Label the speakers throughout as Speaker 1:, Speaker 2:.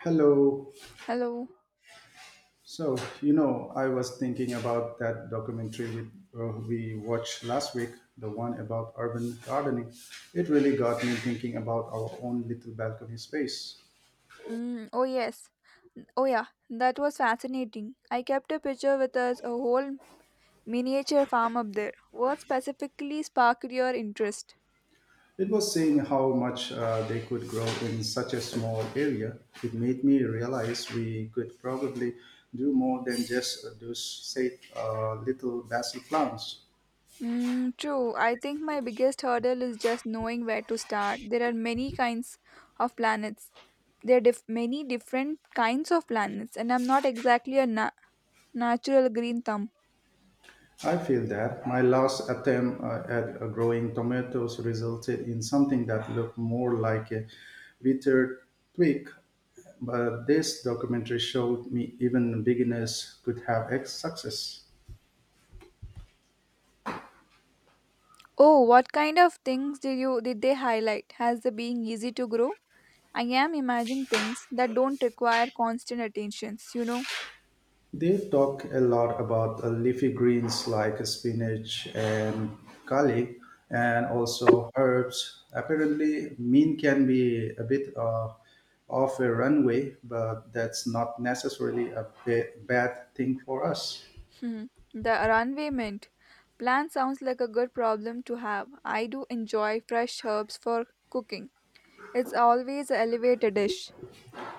Speaker 1: Hello.
Speaker 2: Hello.
Speaker 1: So I was thinking about that documentary we watched last week, the one about urban gardening. It really got me thinking about our own little balcony space.
Speaker 2: Mm, oh yes. Oh yeah, that was fascinating. I kept a picture with us a whole miniature farm up there. What specifically sparked your interest?
Speaker 1: It was saying how much they could grow in such a small area. It made me realize we could probably do more than just little basil plants.
Speaker 2: Mm, true. I think my biggest hurdle is just knowing where to start. There are many kinds of planets. There are many different kinds of planets, and I'm not exactly a natural green thumb.
Speaker 1: I feel that my last attempt at growing tomatoes resulted in something that looked more like a withered twig, but this documentary showed me even beginners could have success.
Speaker 2: Oh, what kind of things did they highlight? Has the being easy to grow? I am imagining things that don't require constant attentions.
Speaker 1: They talk a lot about leafy greens like spinach and garlic, and also herbs. Apparently, mint can be a bit off a runway, but that's not necessarily a bad thing for us.
Speaker 2: Hmm. The runway mint. Plant sounds like a good problem to have. I do enjoy fresh herbs for cooking. It's always a elevator dish.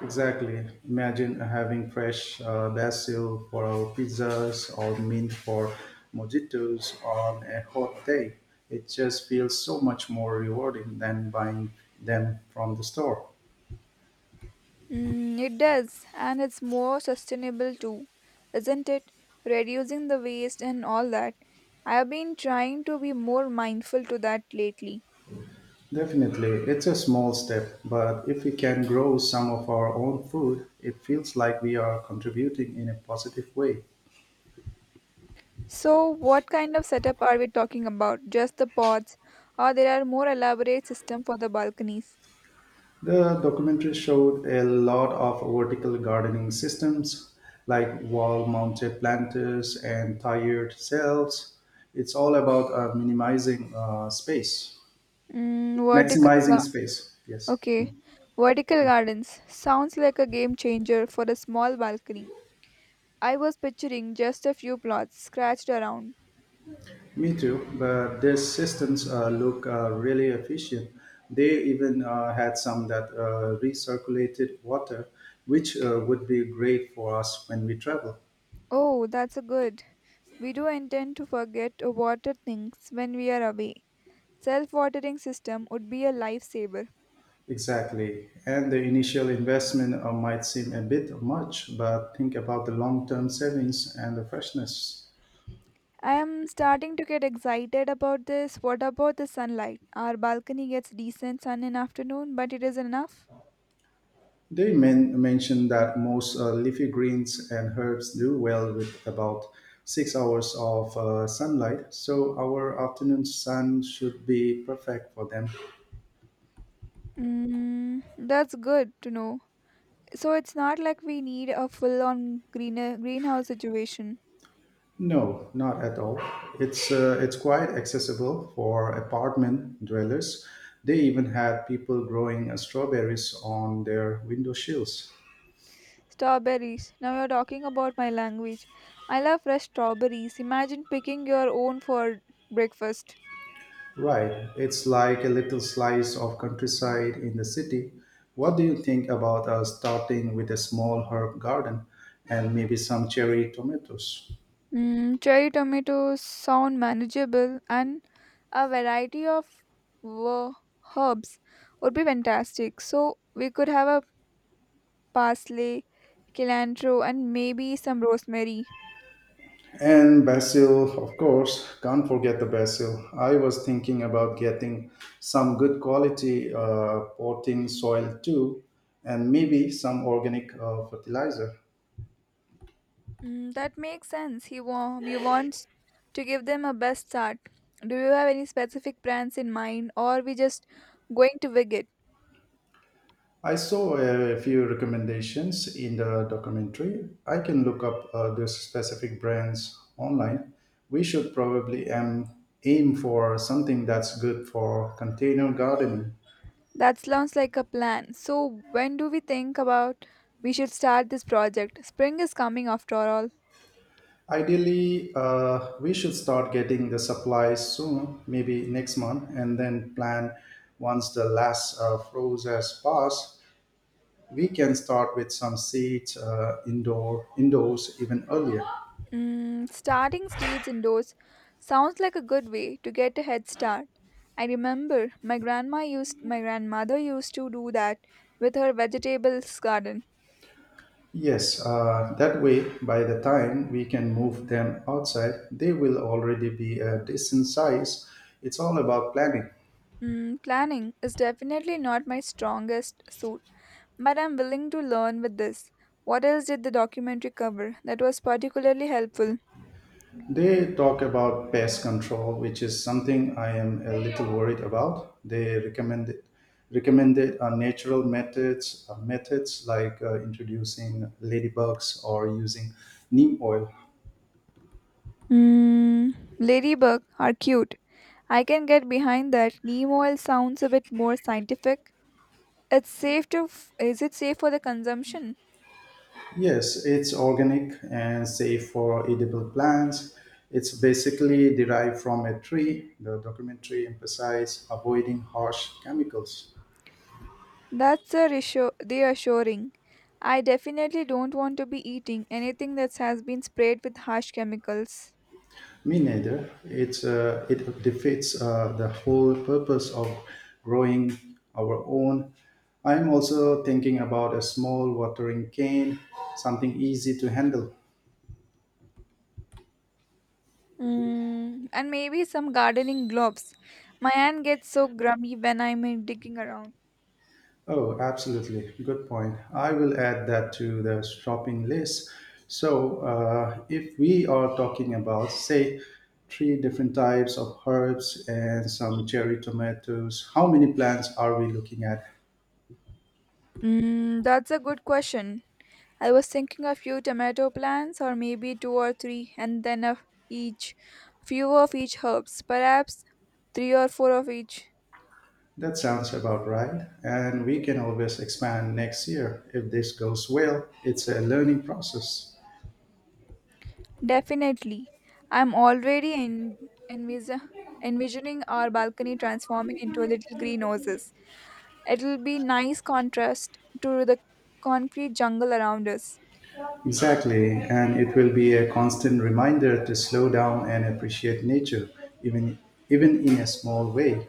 Speaker 1: Exactly. Imagine having fresh basil for our pizzas or mint for mojitos on a hot day. It just feels so much more rewarding than buying them from the store.
Speaker 2: Mm, it does, and it's more sustainable too, isn't it? Reducing the waste and all that. I have been trying to be more mindful to that lately.
Speaker 1: Definitely, it's a small step, but if we can grow some of our own food, it feels like we are contributing in a positive way.
Speaker 2: So, what kind of setup are we talking about? Just the pods, or there are more elaborate system for the balconies?
Speaker 1: The documentary showed a lot of vertical gardening systems like wall mounted planters and tired cells. It's all about minimizing space,
Speaker 2: Mm, vertical,
Speaker 1: maximizing
Speaker 2: ga-
Speaker 1: space. Yes.
Speaker 2: okay. Vertical gardens sounds like a game changer for a small balcony. I was picturing just a few plots scratched around.
Speaker 1: Me too, but these systems look really efficient. They even had some that recirculated water, which would be great for us when we travel.
Speaker 2: Oh, that's a good. We do intend to forget to water things when we are away. Self-watering system would be a lifesaver.
Speaker 1: Exactly. And the initial investment might seem a bit much, but think about the long term savings and the freshness.
Speaker 2: I am starting to get excited about this. What about the sunlight? Our balcony gets decent sun in afternoon, but it is enough.
Speaker 1: They mentioned that most leafy greens and herbs do well with about 6 hours of sunlight, so our afternoon sun should be perfect for them.
Speaker 2: Mm, that's good to know. So it's not like we need a full-on greener greenhouse situation.
Speaker 1: No, not at all. It's quite accessible for apartment dwellers. They even had people growing strawberries on their window sills.
Speaker 2: Strawberries. Now you're talking about my language. I love fresh strawberries. Imagine picking your own for breakfast.
Speaker 1: Right. It's like a little slice of countryside in the city. What do you think about us starting with a small herb garden and maybe some cherry tomatoes?
Speaker 2: Mm, cherry tomatoes sound manageable, and a variety of wo- herbs would be fantastic. So we could have a parsley, cilantro, and maybe some rosemary.
Speaker 1: And basil, of course, can't forget the basil. I was thinking about getting some good quality potting soil too, and maybe some organic fertilizer.
Speaker 2: Mm, that makes sense. We wants to give them a best start. Do you have any specific plans in mind, or we just going to wing it?
Speaker 1: I saw a few recommendations in the documentary. I can look up those specific brands online. We should probably aim for something that's good for container gardening.
Speaker 2: That sounds like a plan. So when do we think about we should start this project? Spring is coming after all.
Speaker 1: Ideally, we should start getting the supplies soon, maybe next month, and then plan once the last froze has passed. We can start with some seeds uh, indoors even earlier.
Speaker 2: Mm, starting states indoors sounds like a good way to get a head start. I remember my grandmother used to do that with her vegetables garden.
Speaker 1: Yes, that way, by the time we can move them outside, they will already be a decent size. It's all about planning.
Speaker 2: Mm, planning is definitely not my strongest suit, but I'm willing to learn with this. What else did the documentary cover that was particularly helpful?
Speaker 1: They talk about pest control, which is something I am a little worried about. They recommended natural methods like introducing ladybugs or using neem oil.
Speaker 2: Mm, ladybug are cute. I can get behind that. Neem oil sounds a bit more scientific. It's safe to f- Is it safe for the consumption?
Speaker 1: Yes, it's organic and safe for edible plants. It's basically derived from a tree. The documentary emphasized avoiding harsh chemicals.
Speaker 2: That's a reassuring. I definitely don't want to be eating anything that has been sprayed with harsh chemicals.
Speaker 1: Me neither. It defeats the whole purpose of growing our own. I'm also thinking about a small watering cane, something easy to handle.
Speaker 2: Mm, and maybe some gardening gloves. My hand gets so grummy when I'm digging around.
Speaker 1: Oh, absolutely. Good point. I will add that to the shopping list. So, if we are talking about, say, three different types of herbs and some cherry tomatoes, how many plants are we looking at?
Speaker 2: Mm, that's a good question. I was thinking a few tomato plants, or maybe two or three, and then of each, few of each herbs, perhaps three or four of each.
Speaker 1: That sounds about right. And we can always expand next year. If this goes well, it's a learning process.
Speaker 2: Definitely. I'm already envis- envisioning our balcony transforming into a little greenhouses. It'll be nice contrast to the concrete jungle around us.
Speaker 1: Exactly, and it will be a constant reminder to slow down and appreciate nature, even even in a small way.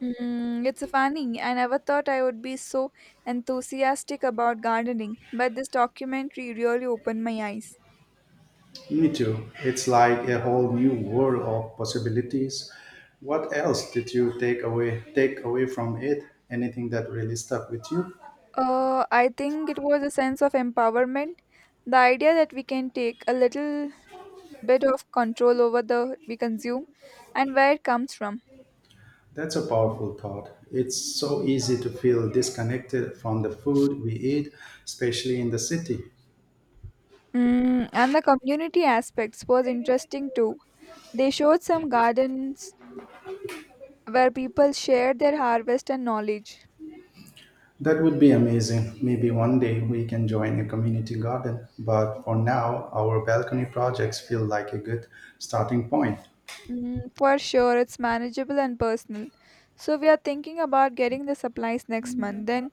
Speaker 2: Mm, it's funny. I never thought I would be so enthusiastic about gardening, but this documentary really opened my eyes.
Speaker 1: Me too. It's like a whole new world of possibilities. What else did you take away from it? Anything that really stuck with you?
Speaker 2: I think it was a sense of empowerment. The idea that we can take a little bit of control over the we consume and where it comes from.
Speaker 1: That's a powerful thought. It's so easy to feel disconnected from the food we eat, especially in the city.
Speaker 2: Mm, and the community aspects was interesting too. They showed some gardens where people shared their harvest and knowledge.
Speaker 1: That would be amazing. Maybe one day we can join a community garden, but for now our balcony projects feel like a good starting point.
Speaker 2: Mm, for sure, it's manageable and personal. So we are thinking about getting the supplies next month. Then,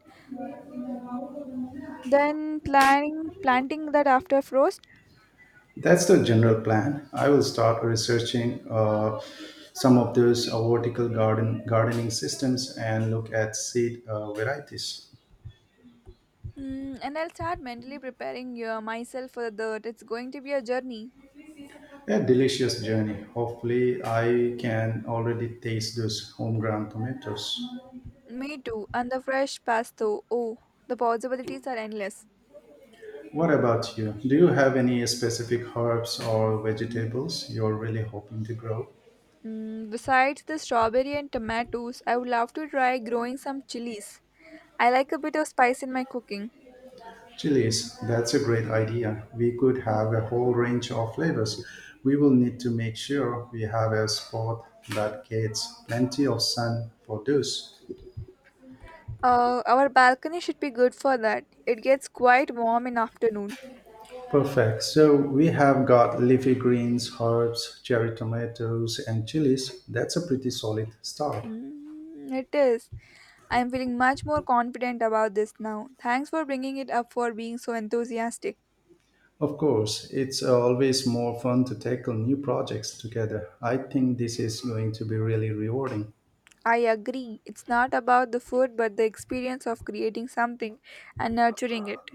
Speaker 2: then planning planting that after frost.
Speaker 1: That's the general plan. I will start researching some of those uh, vertical gardening systems and look at seed varieties.
Speaker 2: Mm, and I'll start mentally preparing myself for the dirt. It's going to be a journey.
Speaker 1: A delicious journey. Hopefully, I can already taste those homegrown tomatoes.
Speaker 2: Me too. And the fresh pasto. Oh, the possibilities are endless.
Speaker 1: What about you? Do you have any specific herbs or vegetables you're really hoping to grow?
Speaker 2: Mm, besides the strawberry and tomatoes, I would love to try growing some chilies. I like a bit of spice in my cooking.
Speaker 1: Chilies, that's a great idea. We could have a whole range of flavors. We will need to make sure we have a spot that gets plenty of sun for this.
Speaker 2: Our balcony should be good for that. It gets quite warm in afternoon.
Speaker 1: Perfect. So we have got leafy greens, herbs, cherry tomatoes, and chilies. That's a pretty solid start.
Speaker 2: Mm, it is. I am feeling much more confident about this now. Thanks for bringing it up for being so enthusiastic.
Speaker 1: Of course, it's always more fun to tackle new projects together. I think this is going to be really rewarding.
Speaker 2: I agree. It's not about the food but the experience of creating something and nurturing it.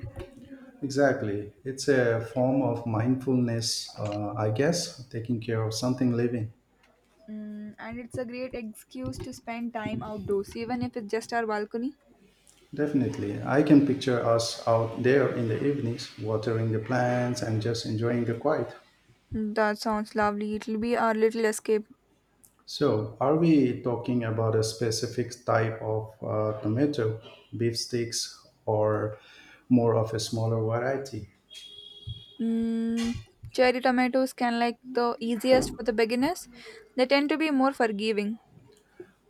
Speaker 1: Exactly. It's a form of mindfulness, I guess, taking care of something living.
Speaker 2: Mm, and it's a great excuse to spend time outdoors, even if it's just our balcony.
Speaker 1: Definitely. I can picture us out there in the evenings, watering the plants and just enjoying the quiet.
Speaker 2: That sounds lovely. It'll be our little escape.
Speaker 1: So, are we talking about a specific type of tomato, beef sticks, or more of a smaller variety?
Speaker 2: Mm, cherry tomatoes can like the easiest for the beginners. They tend to be more forgiving.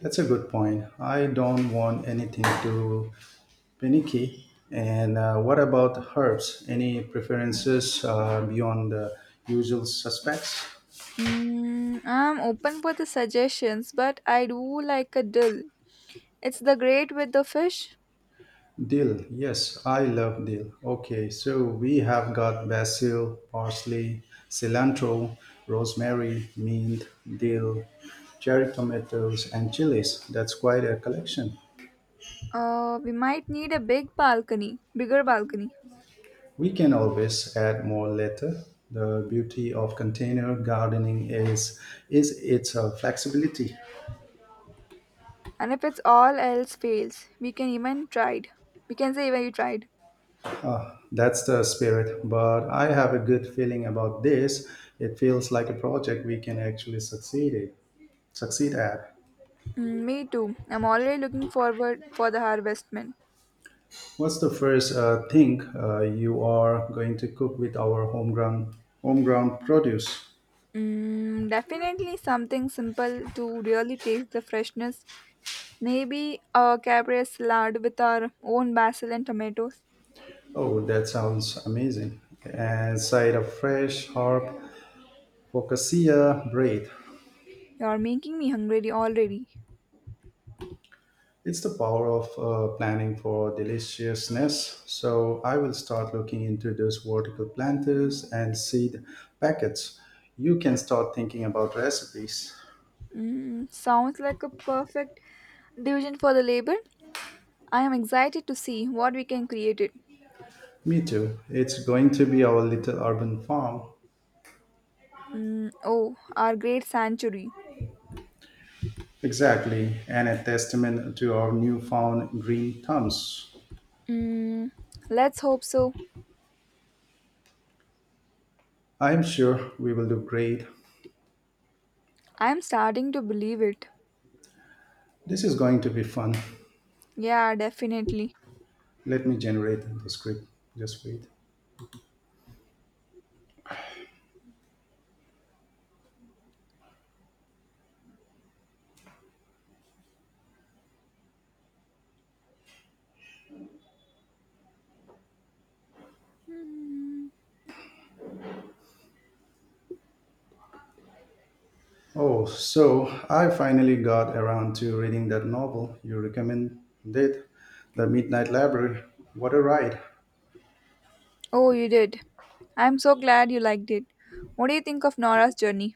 Speaker 1: That's a good point. I don't want anything too panicky. And what about herbs? Any preferences beyond the usual suspects?
Speaker 2: Mm, I'm open for the suggestions, but I do like a dill. It's the great with the fish.
Speaker 1: Dill, yes, I love dill. Okay, so we have got basil, parsley, cilantro, rosemary, mint, dill, cherry tomatoes, and chilies. That's quite a collection.
Speaker 2: We might need a bigger balcony.
Speaker 1: We can always add more later. The beauty of container gardening is its flexibility.
Speaker 2: And if it's all else fails, we can even tried. We can say even you tried.
Speaker 1: That's the spirit. But I have a good feeling about this. It feels like a project we can actually succeed at.
Speaker 2: Mm, me too. I'm already looking forward for the harvest.
Speaker 1: What's the first thing you are going to cook with our homegrown produce?
Speaker 2: Mm, definitely something simple to really taste the freshness. Maybe a caprese salad with our own basil and tomatoes.
Speaker 1: Oh, that sounds amazing. And side of fresh herb focaccia bread.
Speaker 2: You're making me hungry already.
Speaker 1: It's the power of planning for deliciousness. So I will start looking into those vertical planters and seed packets. You can start thinking about recipes.
Speaker 2: Mm, sounds like a perfect division for the labor. I am excited to see what we can create it.
Speaker 1: Me too. It's going to be our little urban farm.
Speaker 2: Mm, oh, our great sanctuary.
Speaker 1: Exactly, and a testament to our newfound green thumbs.
Speaker 2: Mm, let's hope so.
Speaker 1: I am sure we will do great.
Speaker 2: I am starting to believe it.
Speaker 1: This is going to be fun.
Speaker 2: Yeah, definitely.
Speaker 1: Let me generate the script. Just wait.
Speaker 2: Mm.
Speaker 1: Oh, so I finally got around to reading that novel you recommended, The Midnight Library. What a ride!
Speaker 2: Oh, you did. I'm so glad you liked it. What do you think of Nora's journey?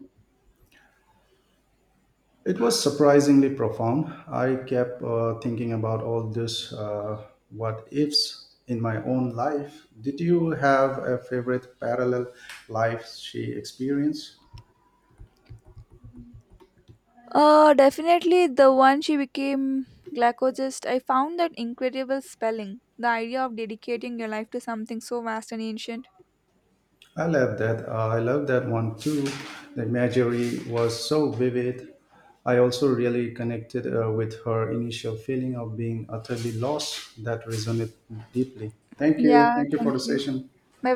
Speaker 1: It was surprisingly profound. I kept thinking about all this what ifs in my own life. Did you have a favorite parallel life she experienced?
Speaker 2: Definitely the one she became glycologist. I found that incredible spelling. The idea of dedicating your life to something so vast and ancient.
Speaker 1: I love that. I love that one too. The imagery was so vivid. I also really connected with her initial feeling of being utterly lost. That resonated deeply. Thank you.
Speaker 2: Yeah,
Speaker 1: Thank you for
Speaker 2: thank
Speaker 1: the
Speaker 2: you.
Speaker 1: session.
Speaker 2: Bye bye.